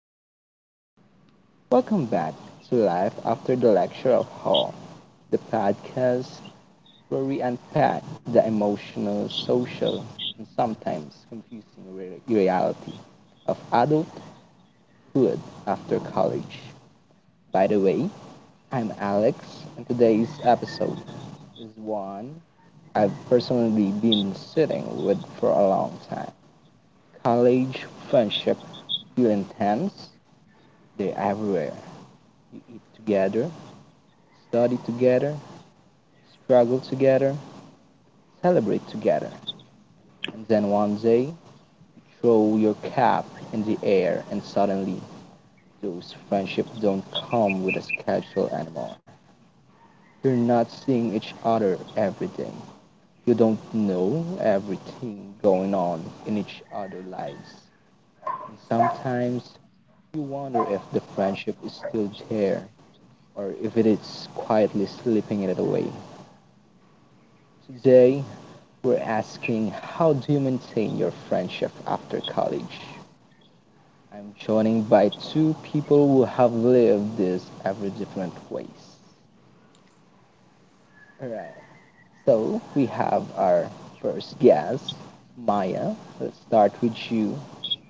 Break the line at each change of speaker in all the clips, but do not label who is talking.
College. Welcome back to Life After the Lecture of Hall, the podcast where we unpack the emotional, social, and sometimes confusing reality of adulthood after college. By the way, I'm Alex, and today's episode is one I've personally been sitting with for a long time. College friendship feel intense. They're everywhere. You eat together, study together, struggle together, celebrate together. And then one day, you throw your cap in the air, and suddenly, those friendships don't come with a schedule anymore. You're not seeing each other every day. You don't know everything going on in each other's lives. And sometimes you wonder if the friendship is still there or if it is quietly slipping it away. Today, we're asking, how do you maintain your friendship after college? I'm joining by two people who have lived this every different ways. Alright, so we have our first guest, Maya. Let's start with you.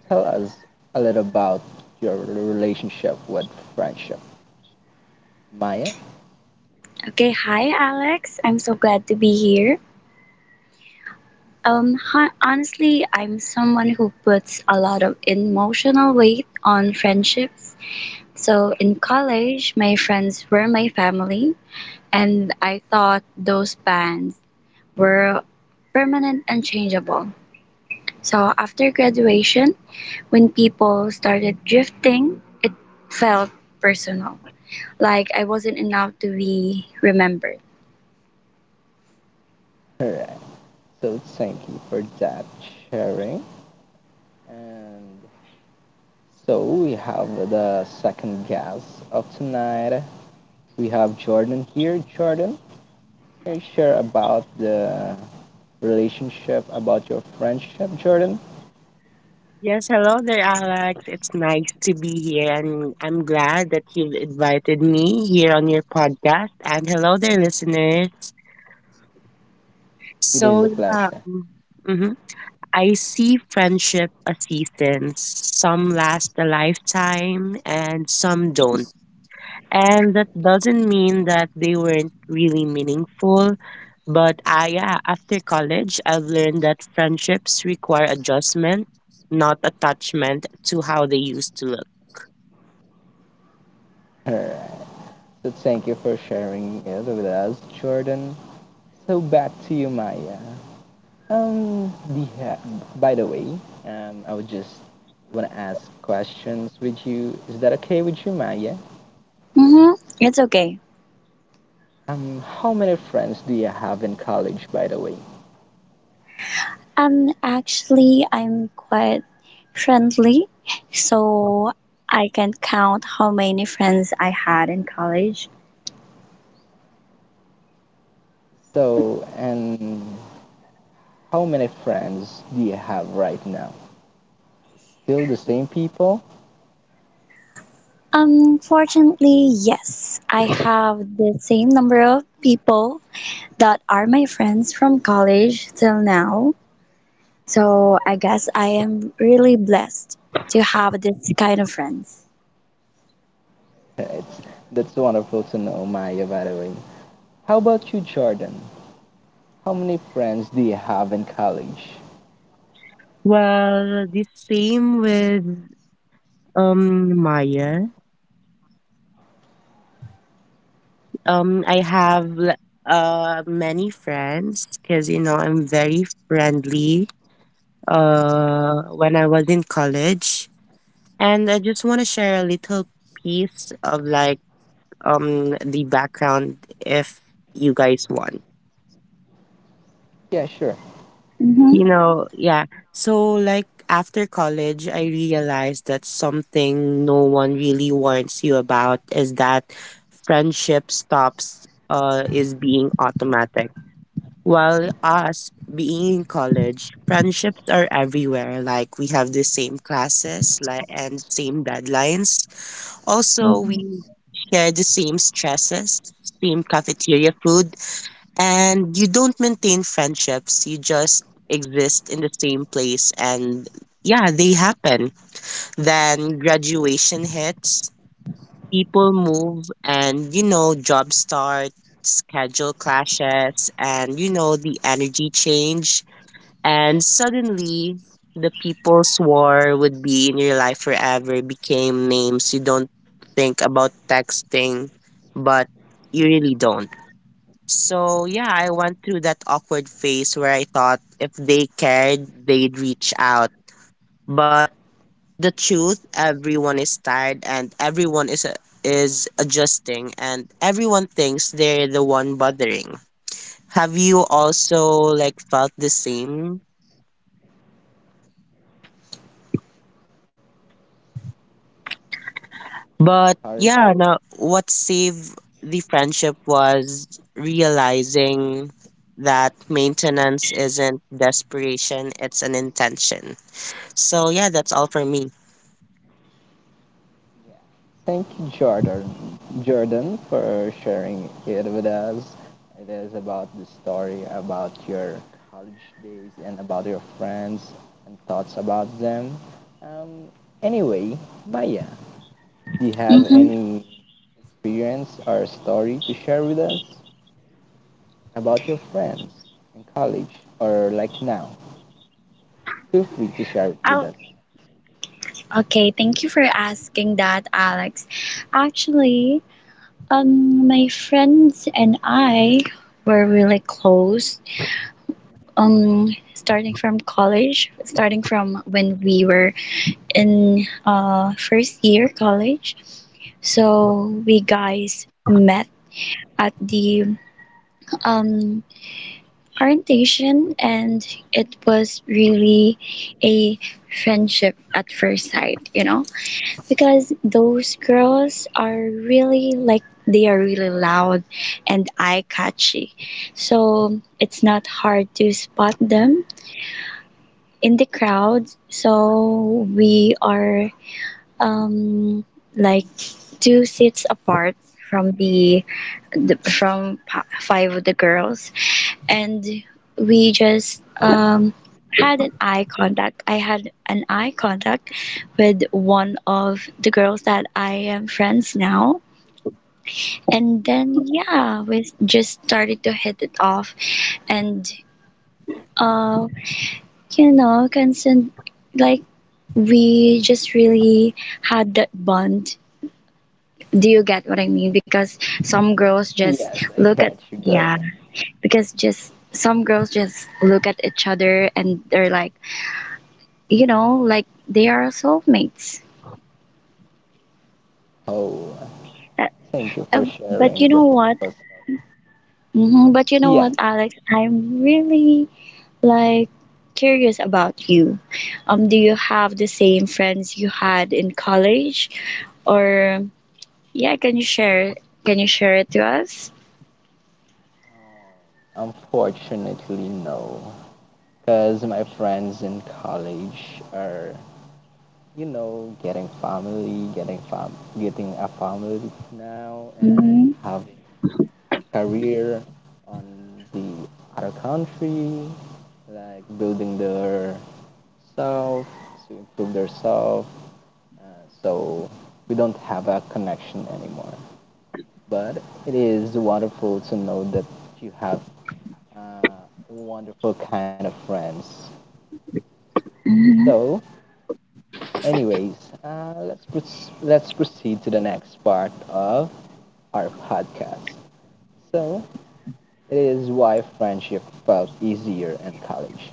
Tell us a little about your relationship with friendship. Maya?
Okay, hi Alex. I'm so glad to be here. Honestly, I'm someone who puts a lot of emotional weight on friendships. So in college, my friends were my family, and I thought those bonds were permanent and changeable. So after graduation, when people started drifting, it felt personal, like I wasn't enough to be remembered.
Alright, so thank you for that sharing. And so we have the second guest of tonight. We have Jordan here. Jordan, can you share about the relationship, about your friendship, Jordan?
Yes, hello there, Alex. It's nice to be here, and I'm glad that you've invited me here on your podcast. And hello there, listeners.
It is
So,
a
yeah,
pleasure.
mm-hmm. I see friendship as seasons. Some last a lifetime, and some don't. And that doesn't mean that they weren't really meaningful. But I, yeah, after college, I've learned that friendships require adjustment, not attachment to how they used to look.
Alright. So thank you for sharing it with us, Jordan. So back to you, Maya. Um, the, uh, by the way, I would just want to ask questions with you. Is that okay with you, Maya?
Mm-hmm. It's okay.
How many friends do you have in college, by the way?
Actually, I'm quite friendly, so I can count how many friends I had in college.
So, and how many friends do you have right now? Still the same people?
Unfortunately, yes, I have the same number of people that are my friends from college till now. So I guess I am really blessed to have this kind of friends.
It's, that's wonderful to know, Maya, by the way. How about you, Jordan? How many friends do you have in college?
Well, the same with Maya. I have many friends because you know I'm very friendly. When I was in college, and I just want to share a little piece of like the background if you guys want.
Yeah, sure.
Mm-hmm.
You know, yeah. So, like, after college, I realized that something no one really warns you about is that friendship stops is being automatic. While us being in college, friendships are everywhere. Like, we have the same classes like, and same deadlines. Also, we
Mm-hmm.
share the same stresses, same cafeteria food, and you don't maintain friendships, you just exist in the same place. And yeah, they happen. Then graduation hits, people move, and you know, job start, schedule clashes, and you know, the energy change. And suddenly, the people swore would be in your life forever became names you don't think about texting, but you really don't. So yeah, I went through that awkward phase where I thought if they cared, they'd reach out. But the truth, everyone is tired and everyone is adjusting and everyone thinks they're the one bothering. Have you also like felt the same? But
Sorry.
yeah, now what saved the friendship was realizing that maintenance isn't desperation, it's an intention. So yeah, that's all for me.
Yeah, thank you, Jordan, for sharing it with us. It is about the story about your college days and about your friends and thoughts about them. Um, anyway, Maya, do you have
Mm-hmm.
any experience or story to share with us about your friends in college or like now? Feel free to share it with
Oh,
us.
okay. Thank you for asking that, Alex. Actually, my friends and I were really close. Starting from college, starting from when we were in first year college. So we guys met at the um, orientation, and it was really a friendship at first sight. You know. Because those girls are really like they are really loud and eye catchy. So it's not hard to spot them in the crowds. So we are um, like two seats apart from five of the girls, and we just had an eye contact. I had an eye contact with one of the girls that I am friends now. And then, yeah, we just started to hit it off. And, uh, you know, consent, like, we just really had that bond. Do you get what I mean? Because some girls just look at, yeah, because just some girls just look at each other and they're like, you know, like they are soulmates.
Oh,
Uh,
thank you for
uh, but
sharing
you
the.
know what? Mhm, but you know
Yeah,
what, Alex? I'm really like curious about you. Do you have the same friends you had in college, or yeah? Can you share? Can you share it to us?
unfortunately, no, because my friends in college are, you know, getting family, getting a family now, and
Mm-hmm.
having career on the other country, like building their self to improve their self. Uh, so we don't have a connection anymore. But it is wonderful to know that you have uh, wonderful kind of friends.
Mm-hmm.
So anyways, let's proceed to the next part of our podcast. So it is why friendship felt easier in college.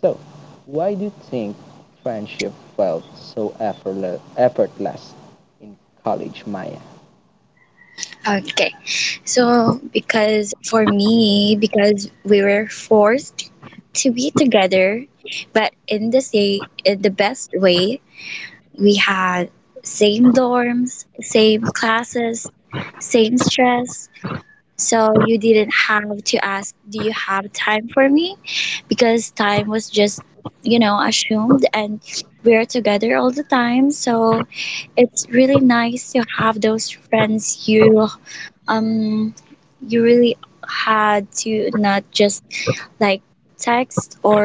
So why do you think friendship felt so effortless in college, Maya?
Okay. So because for me, because we were forced to be together, but in the best way. We had same dorms, same classes, same stress. So you didn't have to ask, do you have time for me? Because time was just, you know, assumed and we're together all the time. So it's really nice to have those friends um you really had to not just like text or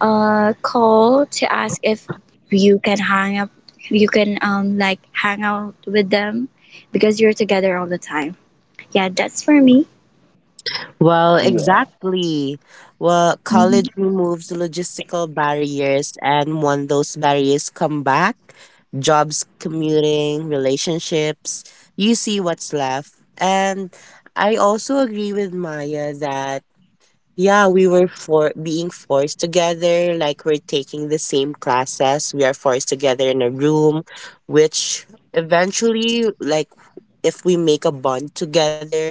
call to ask if you can hang up, you can like hang out with them because you're together all the time. Yeah, that's for me.
Well,
Yeah,
exactly. Well,
hmm
college removes logistical barriers, and when those barriers come back, jobs, commuting, relationships, you see what's left. And I also agree with Maya that, yeah, we were for being forced together, like we're taking the same classes, we are forced together in a room, which eventually, like, if we make a bond together,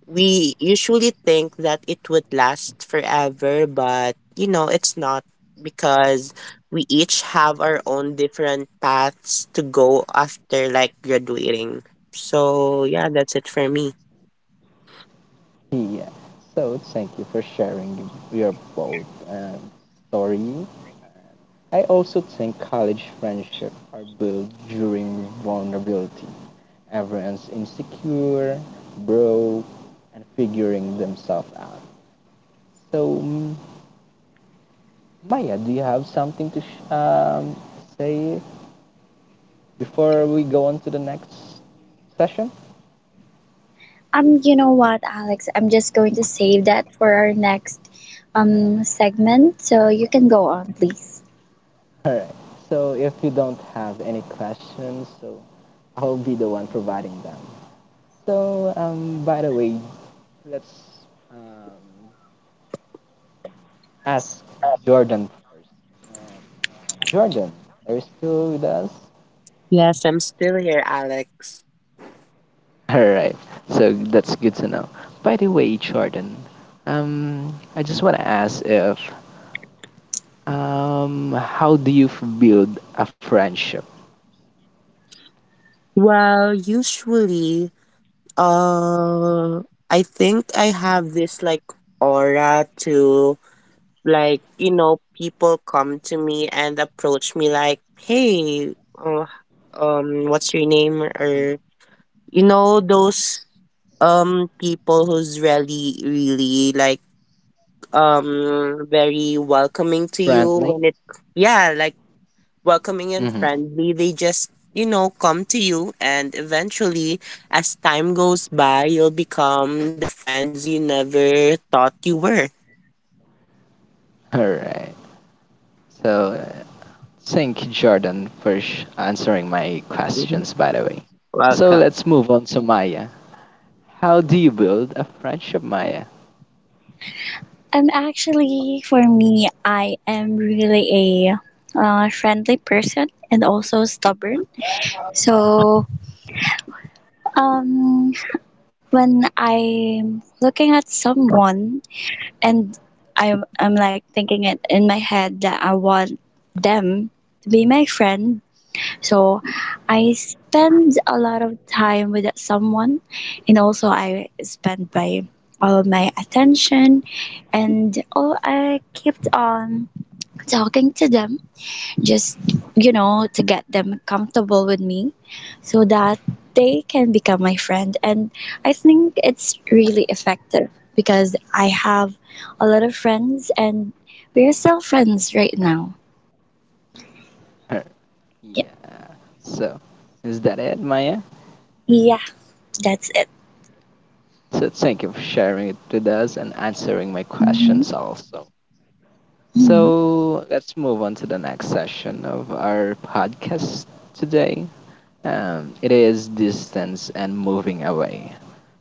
we usually think that it would last forever, but you know, it's not because we each have our own different paths to go after like graduating. So, yeah, that's it for me.
yeah. So thank you for sharing your both story. I also think college friendships are built during vulnerability. Everyone's insecure, broke, and figuring themselves out. So, mm, Maya, do you have something to say before we go on to the next session?
You know what, Alex? I'm just going to save that for our next segment, so you can go on, please.
All right. So, if you don't have any questions, so I'll be the one providing them. So, by the way, let's um, ask Jordan. Um, Jordan, are you still with us?
Yes, I'm still here, Alex.
All right, so that's good to know. By the way, Jordan, I just want to ask if how do you build a friendship?
Well, usually Uh, I think I have this like aura to like, you know, people come to me and approach me like, "Hey, what's your name?"
Mhm.
or you know, those people who's really like very welcoming to you
Friend.
when it yeah, like welcoming and
Mhm.
friendly. They just, you know, come to you. And eventually, as time goes by, you'll become the friends you never thought you were.
All right. So uh, thank you, Jordan, for answering my
Mhm.
questions, by the way. So
Welcome.
let's move on to Maya. How do you build a friendship, Maya?
Actually, for me, I am really a friendly person and also stubborn. So, um, when I'm looking at someone and I'm like thinking it in my head that I want them to be my friend. So I spend a lot of time with that someone, and also I spend my all of my attention, and all I kept on talking to them just you know to get them comfortable with me so that they can become my friend, and I think it's really effective because I have a lot of friends and we're still friends right now.
Her.
Yeah,
Yeah. So, is that it, Maya?
yeah, that's it.
So, thank you for sharing it with us and answering my
Mhm.
questions also.
Mhm.
So, let's move on to the next session of our podcast today. It is distance and moving away.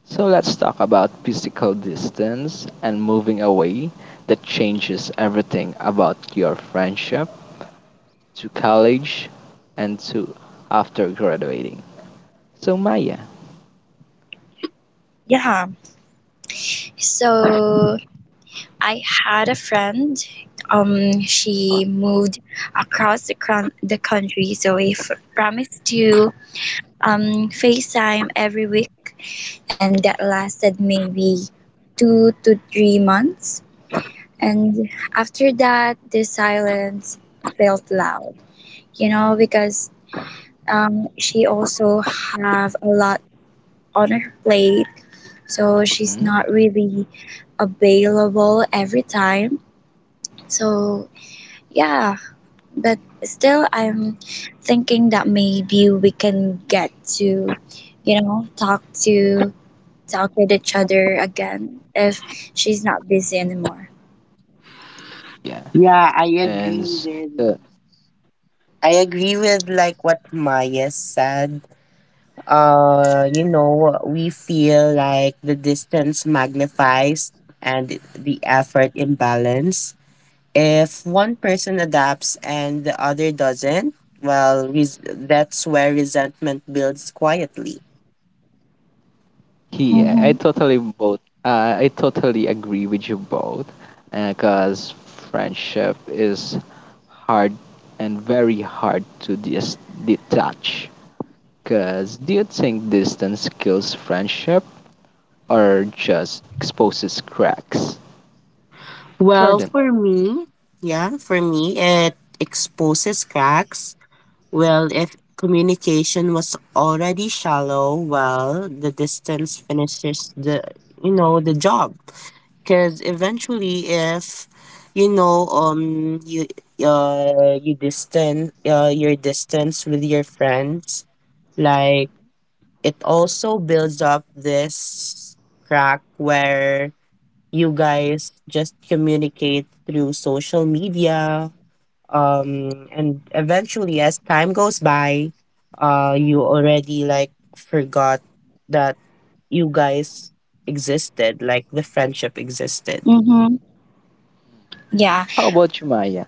So let's talk about physical distance and moving away that changes everything about your friendship to college and to after graduating. So Maya,
Yeah, so I had a friend. She moved across the, the country, so we promised to facetime every week, and that lasted maybe 2 to 3 months. And after that, the silence felt loud, you know, because she also have a lot on her plate, so she's
mhm,
not really available every time. So yeah, but still, I'm thinking that maybe we can get to, you know, talk with each other again if she's not busy anymore.
yeah,
Yeah, I agree
and s-
with.
uh,
I agree with like what Maya said. You know, we feel like the distance magnifies and the effort imbalance. If one person adapts and the other doesn't, well, that's where resentment builds quietly.
he,
Mm-hmm.
I totally agree with you both, because friendship is hard and very hard to detach. Because do you think distance kills friendship or just exposes cracks?
Well,
Jordan,
for me, yeah, for me, it exposes cracks. Well, if communication was already shallow, well, the distance finishes the you know the job because eventually, if you know you you distance your distance with your friends, like
mhm,
it also builds up this crack where you guys just communicate through social media, and eventually as time goes by, you already like forgot that you guys existed, like the friendship existed.
Mm-hmm. Yeah.
how about you, Maya?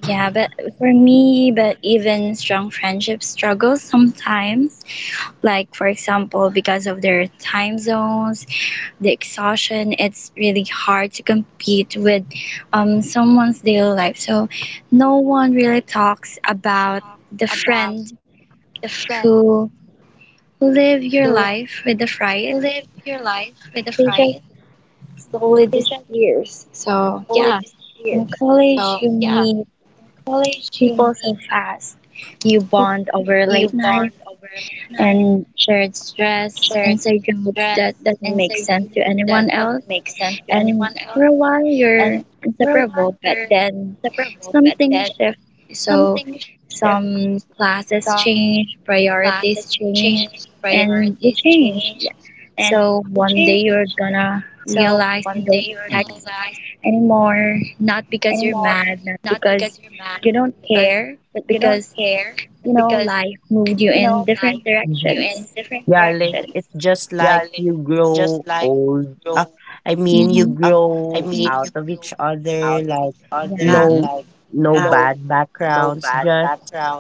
Yeah, but for me, but even strong friendships struggle sometimes. Like for example, because of their time zones, the exhaustion, it's really hard to compete with someone's daily life. So no one really talks about the friend who live your life with the fright. They just
Mhm.
slowly disappears. So yeah, in college you meet people so fast. You bond over late night and shared stress, inside jokes that doesn't make sense to anyone else. And for a while you're inseparable, but then something shifts. So some classes change, priorities change, and you change. Yeah. So one day you're gonna realize you don't
Mhm.
text anymore. Not because you're mad, not because you don't care, but because, you know, life moved you in different directions.
Yeah, like it's just like you grow old. Uh, I mean, you
Mm-hmm.
grow out of each other. Like
Mhm.
Yeah,
no, no bad backgrounds. Just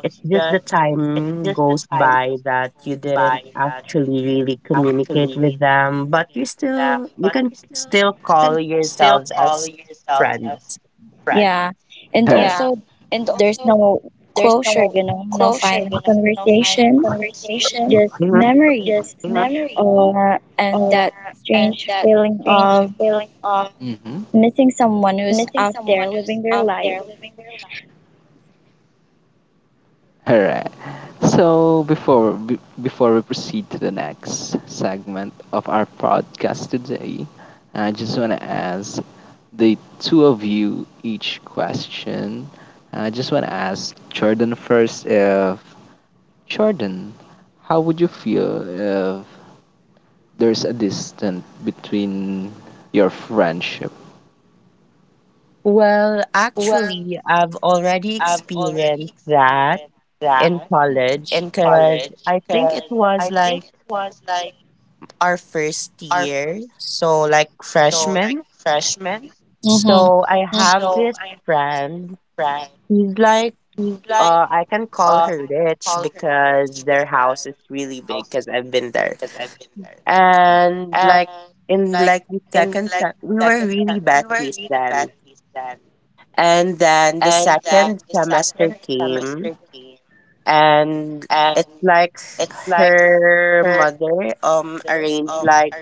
it's just the time goes by that you didn't actually really communicate with them, but you can still call yourselves as friends.
yeah.
All
And
right.
also, there's no closure, you know, no final conversation, just
Mhm.
memories. Or, and that strange feeling of
Mhm.
missing someone who's out there living their life.
All right. Before we proceed to the next segment of our podcast today, I just want to ask the two of you each question. I just want to ask Jordan first if Jordan, how would you feel if there's a distance between your friendship?
Well, actually, I've already experienced that in college because I think it was like our first year, so like freshman.
Mm-hmm.
So I have this friend. He's like, I can call her rich because their house is really big because I've been there. And like in like we were really besties then. And then the second semester came and it's like her mother arranged, like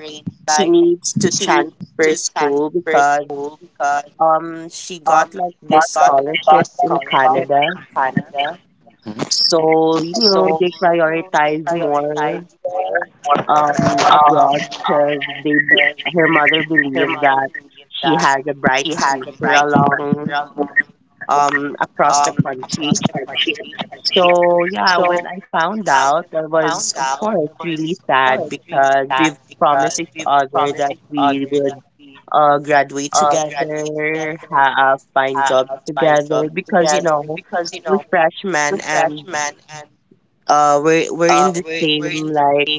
she needs to transfer school because she got like this scholarship in Canada.
Mhm,
So you know they prioritize more abroad because her mother believes that she has a bright future along across the country. So yeah, when I found out, I was of course really sad because we've promised each other that we would graduate together, have find jobs together because you know we're freshmen and we're in the same like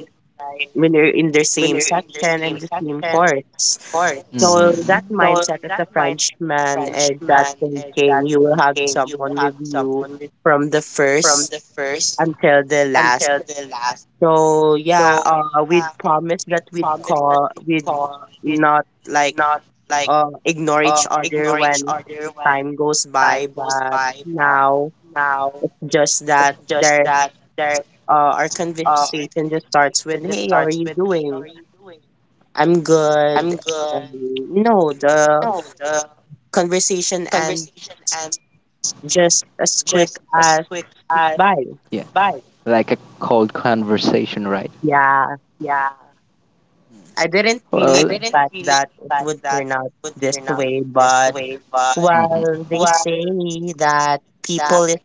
when we're in the same section and the same course. So
mhm, mhm,
that mindset as a Frenchman is that thinking you will have someone with you from the first until the last. So yeah, we'd promise that we'd call, we'd not like ignore each other when time goes by. But now, just that there, our conversation just starts with, "Hey, how are you doing? I'm
mhm.
good." And, no, the conversation and just as quick as bye.
Yeah, like a cold conversation, right?
Yeah, I didn't
I
really
well,
expect that it would turn out this way, but
mhm, mm,
well, they say that people is,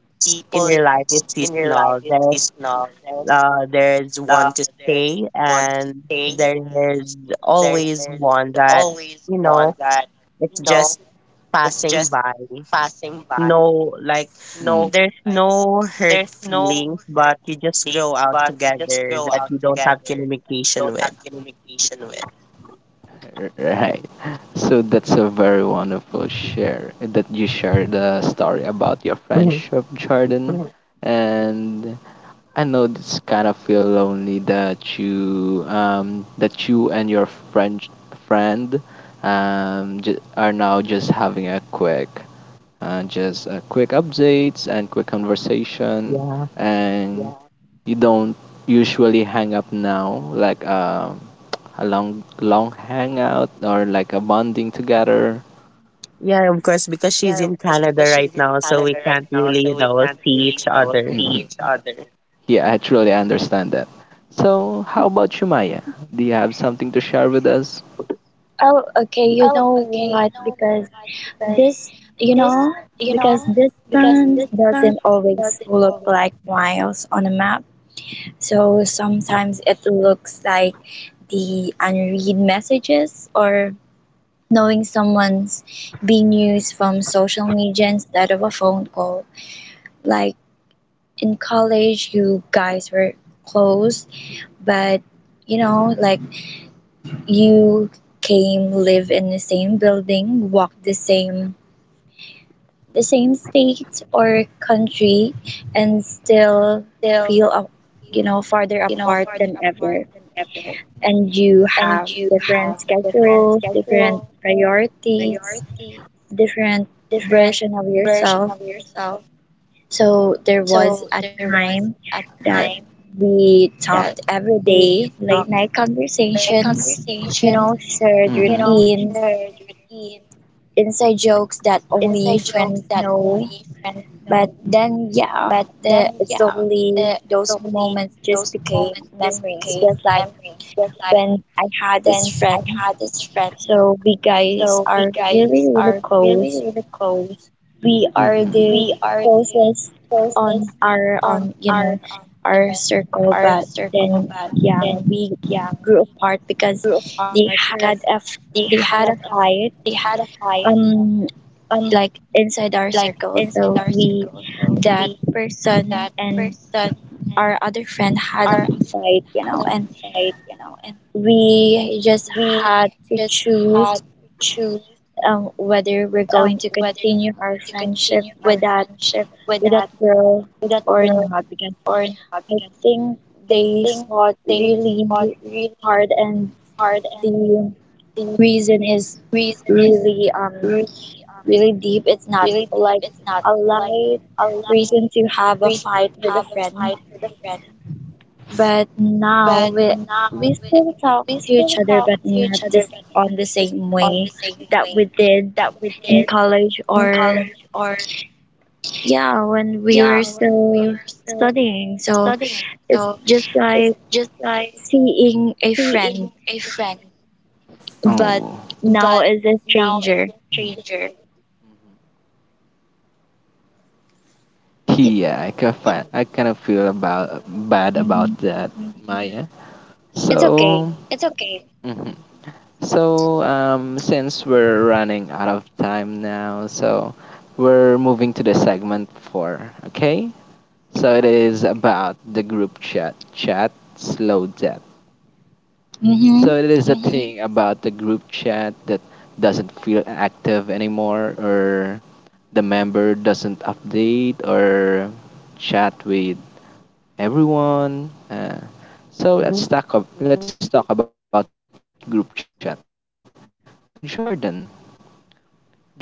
in your life is seasonal. There's one to stay, and there's always one that you know it's just passing by. No, like there's no hurt feelings, but you just grow out together that you don't have communication with.
right. So that's a very wonderful share that you share the story about your
Mhm.
friendship, Jordan, and I know this kind of feel lonely that you and your friend friend are now just having a quick just a quick updates and quick conversation
Yeah.
and you don't usually hang up now like a long long hangout or like a bonding together.
Yeah, of course, because she's in Canada right now, so we can't really, you know, see each other.
Mhm. Other. Yeah, I truly understand that. So, how about you, Maya? Do you have something to share with us?
Oh, okay. You know what? This, you know, because distance doesn't always look like miles on a map. So sometimes it looks like the unread messages or knowing someone's being used from social media instead of a phone call. Like in college, you guys were close, but you know, like you came, live in the same building, walk the same state or country, and still feel you know farther apart than ever, and
Mhm. You
you have different schedules, different priorities, different version of yourself. So there was a time that we talked every day, late night conversations, you know, shared
mm-hmm.
routines, inside jokes that only friends know. But then, yeah, the it's only those moments just became memories. Just like when I had this friend, so we guys are really really close. We are
Mm-hmm.
the closest on our you know our circle. But then, yeah, we grew apart because they had a f- they had a fight um like inside our circle. So we, that person and our other friend had a fight, you know, and
Mhm.
we just had to choose whether we're going to continue our friendship with that girl or not, because I think they fought really hard and the reason is really really deep. It's not like a light reason to have a fight with a friend. But now we still talk to each other, but not just on the same way that we did in college, or yeah, when we were still studying. So it's just like seeing a friend, but
Oh,
now is a stranger.
mhm. Yeah, I kind of feel about bad
Hmm.
about that, Maya.
It's okay.
So, mhm. So since we're running out of time now, so we're moving to the segment four. Okay, so it is about the group chat. Chat slow down.
Mm-hmm.
So it is a thing about the group chat that doesn't feel active anymore, or the member doesn't update or chat with everyone.
Mhm.
Let's talk about group chat. So Jordan, do you have something to share with us?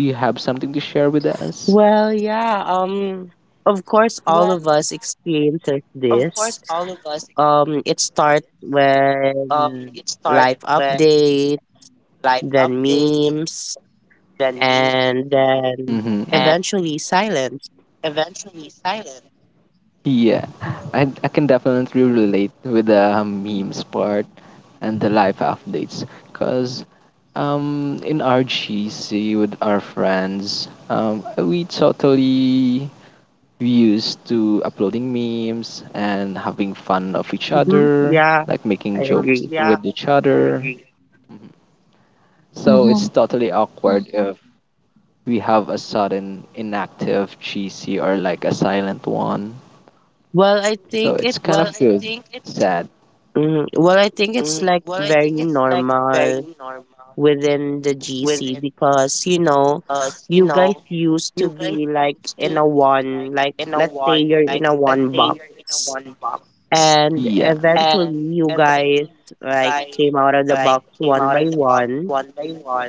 Well, yeah, of course, all of us experiences this. It starts with life update, then memes, and
Mm-hmm.
then eventually silence.
Yeah, I can definitely relate with the memes part and the life updates because um, in RGC with our friends, we used to uploading memes and having fun of each
Hmm.
other,
Yeah,
like making,
I
mhm, jokes
agree.
with each, I, other. Mhm.
Mm-hmm.
So it's totally awkward, mhm, if we have a sudden inactive GC or like a silent one.
Well, I
So
think
it's
it's
kind of, well, feels sad.
well, I think it's like very normal within the GC because you know you guys used to be like in a one, like let's say you're in a one box, and
Yeah,
eventually you guys like came out of the box one by one,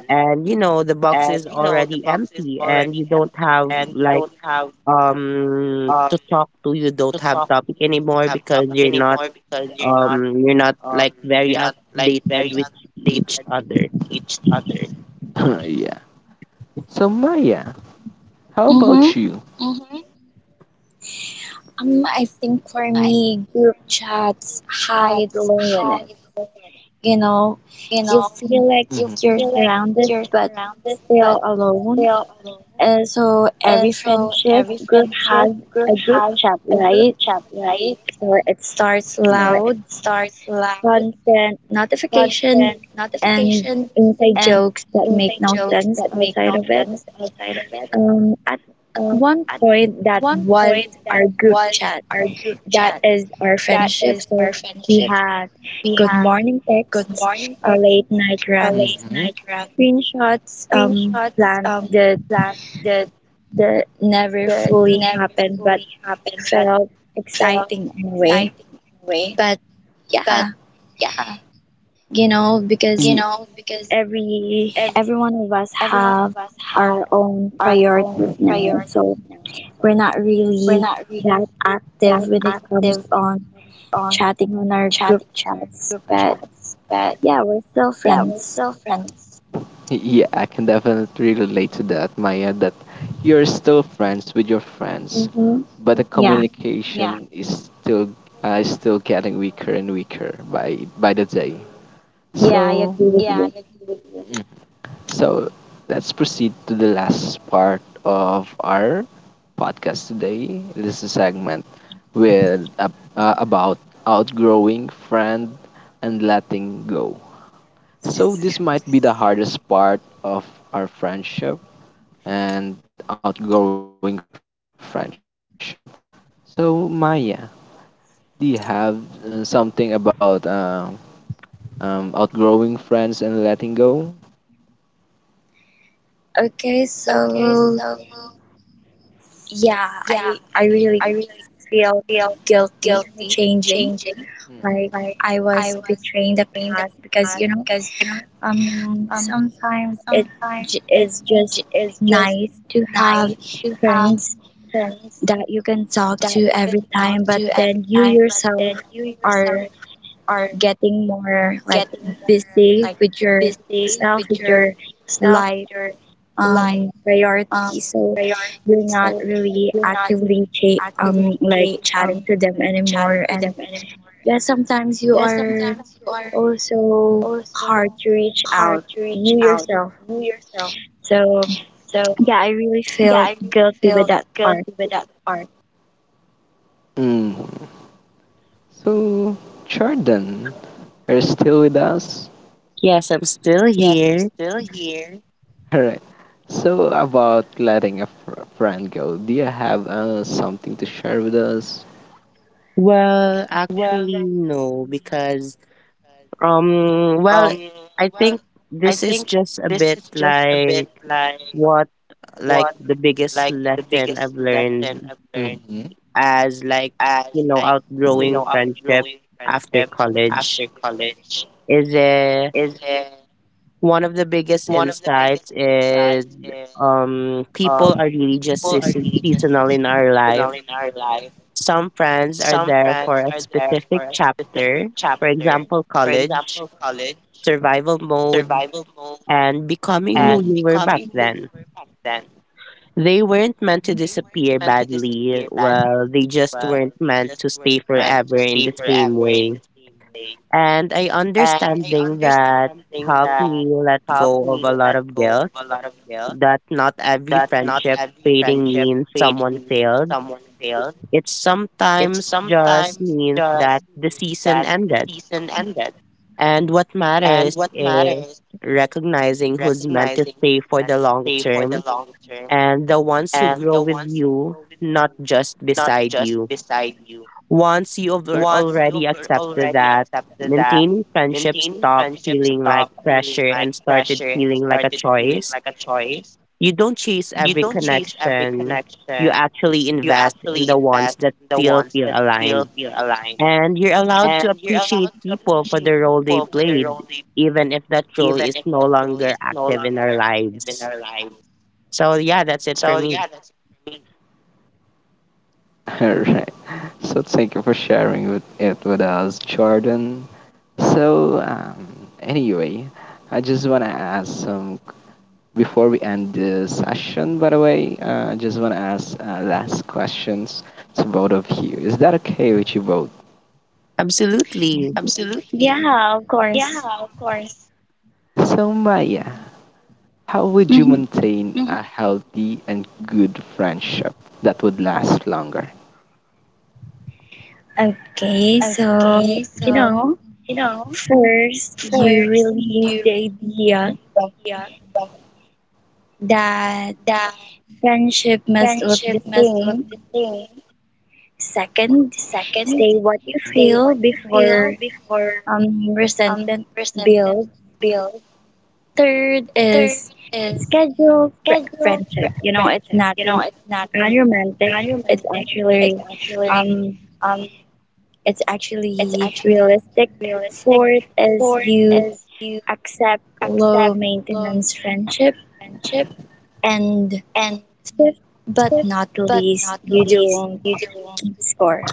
and you know the box is already empty and you don't have like to talk, to you don't have topic anymore because you're not like very updated with each other.
yeah. So Maya, how
Mm-hmm.
about you?
I think for me, group chats hide loneliness. You know, you feel like
Do mhm.
you're surrounded but still alone. So every friendship group has a group chat, right? So it
Mm.
starts loud,
Mm.
constant notifications, and inside jokes that make no sense outside of it. At one point, that was our group chat. That is our friendship. So we had good morning texts, late night rants,
Mhm.
screenshots, plans that never fully happened, but felt exciting anyway. But yeah, you know,
Y-
because every one of us have our own priorities now, so we're not really that active when it comes on chatting on our group chats. But yeah, we're still friends.
yeah, I can definitely relate to that, Maya, that you're still friends with your friends,
Mm-hmm.
but the mm. Yeah,
Yeah,
communication is still getting weaker and weaker by the day.
yeah, I
So,
agree with you.
so let's proceed to the last part of our podcast today. This is a segment with about outgrowing friend and letting go. So this might be the hardest part of our friendship and outgrowing friendship. So Maya, do you have something about outgrowing friends and letting go?
Okay, so yeah, I really feel guilty for changing,
Mm-hmm.
like I was betraying the past, because you know sometimes it is just nice to have friends that you can talk to every time, but then you yourself are getting more like busy with yourself, with your life priority, so you're not really actively like chatting to them anymore, and yeah, sometimes you are also hard to reach out, you yourself, so yeah, I really feel guilty with that part.
Mm. So Jordan, are you still with us?
Yes, I'm still here.
All right. So about letting a friend go, do you have something to share with us?
Well, actually, no, because well, I think this is just a bit like what, like the biggest lesson I've learned
Mm-hmm.
as like you know outgrowing friendship after college is, one of the biggest insights is people are really just seasonal in our life. Some friends are there for a specific chapter, for example, college, survival mode, and becoming who you were back then. They weren't meant to disappear badly, well, they just weren't meant to stay forever in the same way. And I understanding that helped me let go of a lot of guilt that not every friendship fading means someone failed. It sometimes just means that the season ended. And what matters is recognizing who's meant to stay for the long term and the ones who grow with you, not just beside you. Once you've already accepted that, maintaining friendships stop feeling like pressure and started feeling like a choice. You don't chase every connection. You actually invest in the ones that still feel aligned. And you're allowed to appreciate people for the role they played, even if that role is no longer active in our lives. So, yeah, that's it for me.
All right. So thank you for sharing with it with us, Jordan. So um, anyway, I just wanna ask some. Before we end the session, by the way, I just want to ask last questions to both of you. Is that okay with you both?
Absolutely.
Yeah, of course.
So, Maya, how would you
hmm
maintain a healthy and good friendship that would last longer?
okay, so you know, first you release the idea that friendship must look the same. Second, say what you feel before resentment builds. Third is schedule fr- friendship. You know, it's not unromantic. It's actually, um, it's actually realistic. Fourth is you accept low maintenance friendship, and fifth but not least, you don't keep score.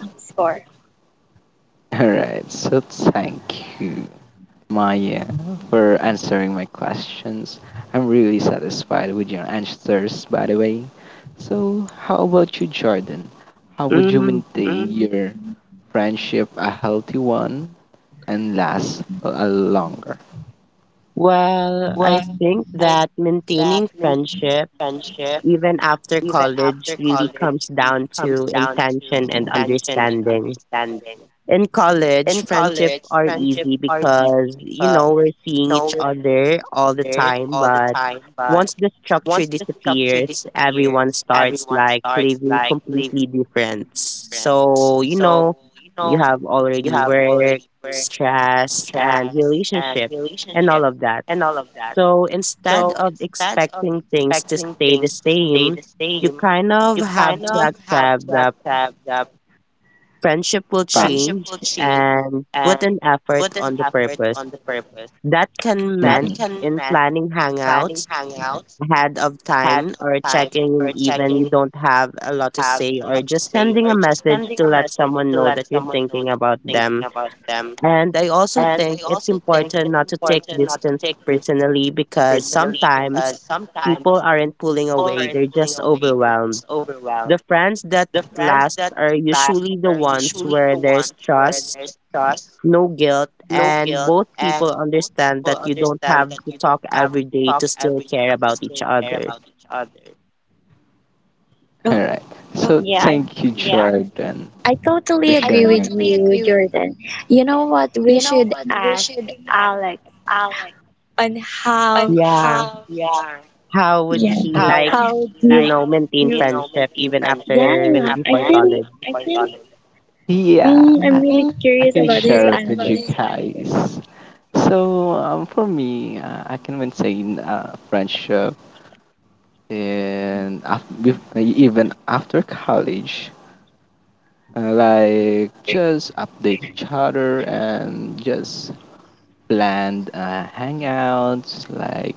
All right, so thank you. My for answering my questions. I'm really satisfied with your answers, by the way. So, how about you, Jordan? How would you
Mm,
maintain your friendship a healthy one and last a longer?
well, I think that maintaining friendship, even after college, really comes down to intention and understanding. In college, friendship are easy because you know we're seeing each other all the time, but once the structure disappears, everyone starts like living completely different. So, you know, you have already work, stress, and relationship and all of that. So, instead of expecting things to stay the same, you kind of have to accept that friendship will
But
change and put an effort on the purpose. That can meant
mhm.
in planning hangouts ahead of time or checking in even you don't have a lot to say or just sending a message to let someone know that you're thinking about them. And I also think it's important not to take distance personally because sometimes people aren't pulling away, they're just overwhelmed. The friends that last are usually the ones where there's trust, no guilt, and both people understand that you don't have to talk every day to still care about each other.
All
Oh,
right. So,
yeah, I.
thank you, Jordan,
I
for I
totally agree
sharing.
with you, Jordan. You know what? We should ask Alex on how.
Yeah. How would
Yeah.
he like,
How
you
do?
know, maintain friendship even
Yeah.
after
I
before
really.
college?
Yeah,
I'm really curious about his
share it with
answer.
you guys. So, for me, I can maintain friendship and after, with, even after college like just update each other and just planned hangouts like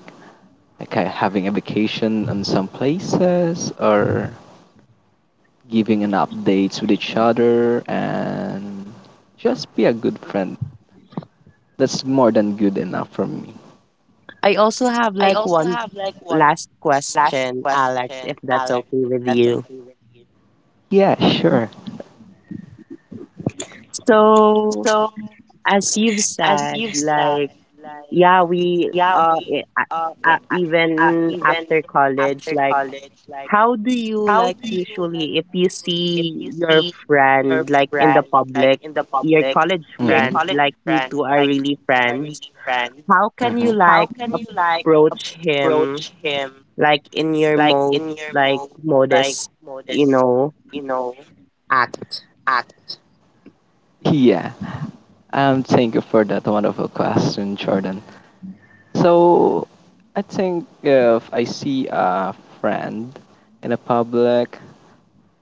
having a vacation on some places or giving an updates with each other and just be a good friend. That's more than good enough for me.
I also have like one last question, Alex, if that's okay with you.
Yeah, sure.
So, as you've said, like, yeah, i- even after college, like, how do you like usually if you see your friend like in the public, your college friend,
Mm-hmm.
like you two are really friends, how can
Mm-hmm.
you like approach him like in your most like modest, you know, act?
Yeah, um, thank you for that wonderful question, Jordan. So I think if I see a friend in a public,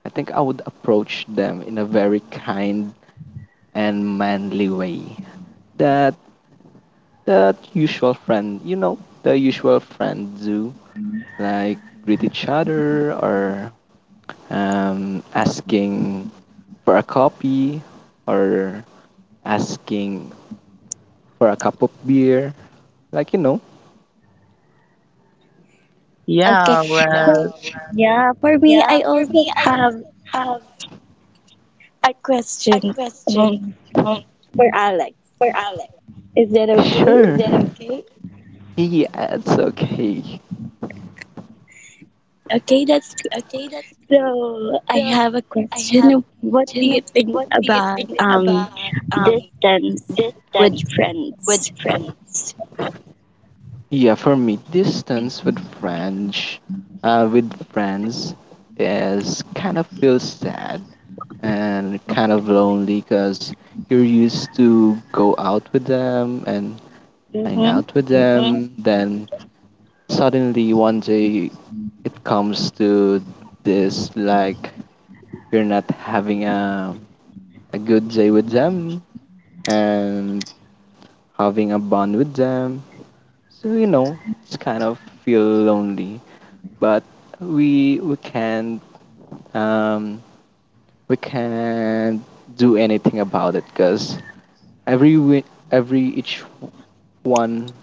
I think I would approach them in a very kind and manly way. That that usual friend, you know, the usual friend do, like greet each other or asking for a copy or asking for a cup of beer. Like, you know,
Okay.
Yeah,
So,
well,
yeah. For me, I also have a question. Um, for Alex, is that
is
okay?
sure, is yeah, it's okay.
Okay, that's good. So I have a question. What do you think about distance with friends?
Yeah, for me, distance with friends, uh, with friends, is kind of feels sad and kind of lonely because you're used to go out with them and hang
Mm-hmm.
out with, hmm, them. Then suddenly one day it comes to this, like you're not having a good day with them and having a bond with them. So you know, it's kind of feel lonely. But we can't um, we can't do anything about it because every wi- every each one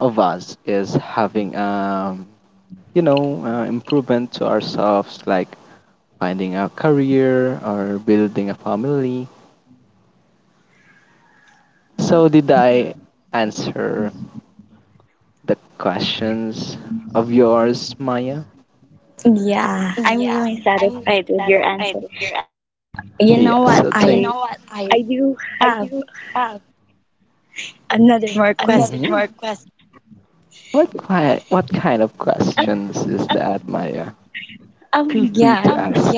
of us is having you know improvement to ourselves, like finding a career or building a family. So did I answer the questions of yours, Maya?
Yeah, I'm really satisfied with your answer. You know
Yeah,
what?
so you thank
I do have another more question.
mhm. What kind of
Um,
questions is that, Maya? Feel free
yeah.
to ask.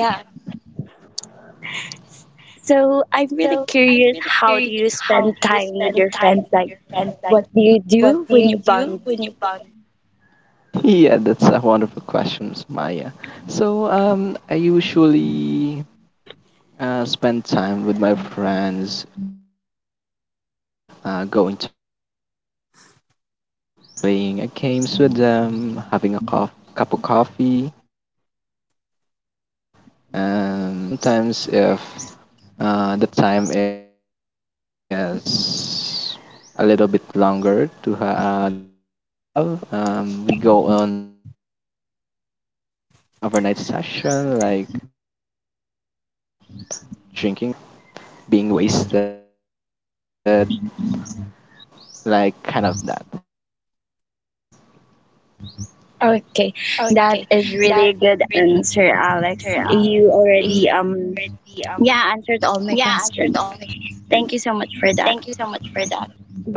So I'm really curious. How do you spend time with your friends? Like, what do you do when you bond?
Yeah, that's a wonderful questions, Maya. So, I usually spend time with my friends, like going to a cafe, like playing a games with them, having a cup of coffee, and sometimes if the time is a little bit longer to the they have. We go on overnight, overnight session, like drinking out or being wasted, like, like kind of that.
Okay, that is really a good answer, Alex. You already yeah, answered all my questions. Thank you so much for that.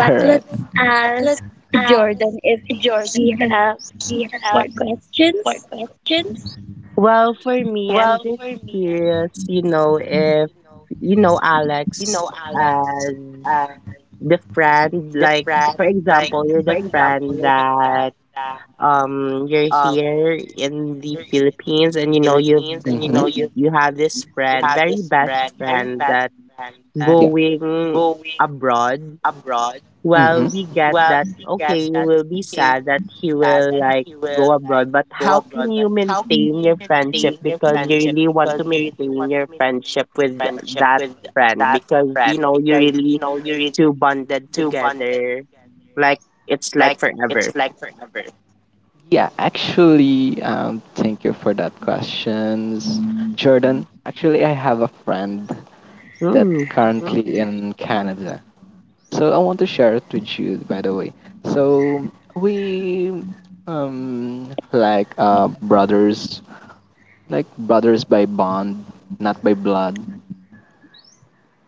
All right.
let's ask Jordan if he has more questions.
well for me, I'm just curious, you know, if you know Alex as the friend, like for example, you're the friend that you're here in the Philippines and you know you
Mm-hmm.
you have this friend, very best friend that
Yeah.
going abroad. Well,
Mm-hmm.
we get that okay, you will be sad that he will like go abroad, but how can you maintain your friendship because you really want to maintain your friendship with that friend because you know you really two bonded together like it's like forever.
Yeah, actually, thank you for that questions, Jordan. Actually, I have a friend that, oh,
Hmm.
currently in Canada. So I want to share it with you, by the way. So we brothers, like brothers by bond, not by blood.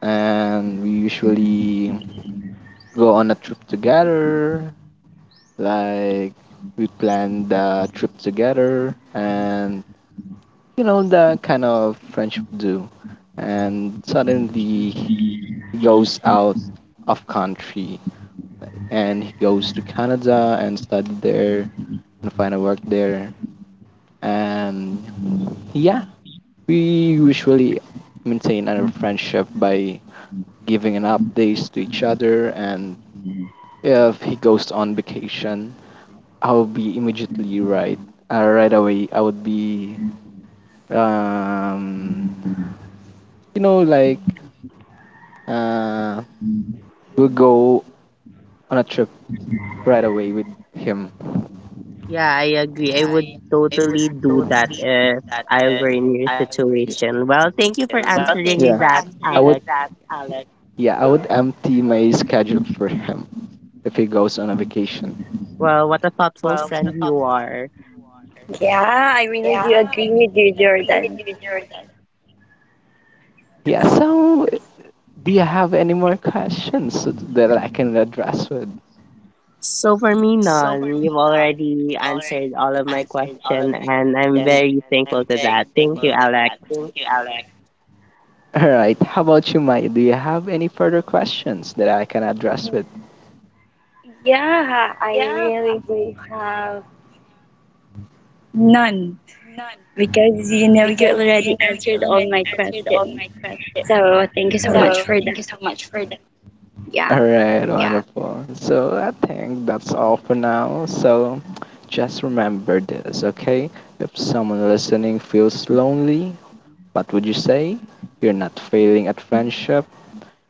And we usually go on a trip together. Like we plan the trip together, and you know the kind of friendship do. And suddenly he goes out of country, and he goes to Canada and study there and find a work there. And yeah, we usually maintain our friendship by giving an updates to each other. And if he goes on vacation, I'll be immediately right right away. I would be um you know like uh we'll go on a trip right away with him.
Yeah, I agree. I would totally do that if I were in your situation. Well, thank you for
Yeah,
answering that,
I would
Alex.
yeah, I would empty my schedule for him if he goes on a vacation.
Well, what a thoughtful friend you are.
Yeah, I really do agree with you, Jordan.
Yeah, so do you have any more questions that I can address with?
So for me, none. You've already answered all of my question, and I'm very thankful to that. Thank you, Alex.
All right. How about you, Maya? Do you have any further questions that I can address with?
Yeah, I really do have none, because you know you already answered all my questions. So thank you so much for that. Yeah.
All right. Wonderful. So I think that's all for now. So just remember this, okay? If someone listening feels lonely, what would you say? You're not failing at friendship.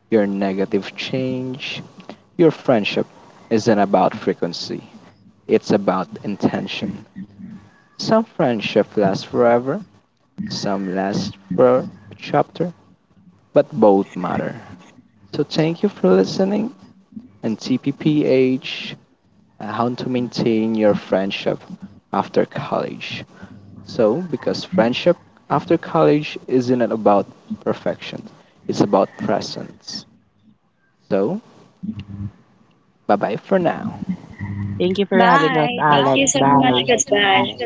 Your negative change. Your friendship isn't about frequency. It's about intention. Some friendship lasts forever, some last for chapter, but both matter. So thank you for listening and TPPH, how to maintain your friendship after college. So because friendship after college isn't about perfection, it's about presence. So bye bye for now.
Thank you for having us,
Bye. Thank you
Alex.
so much.
Bye.
Goodbye.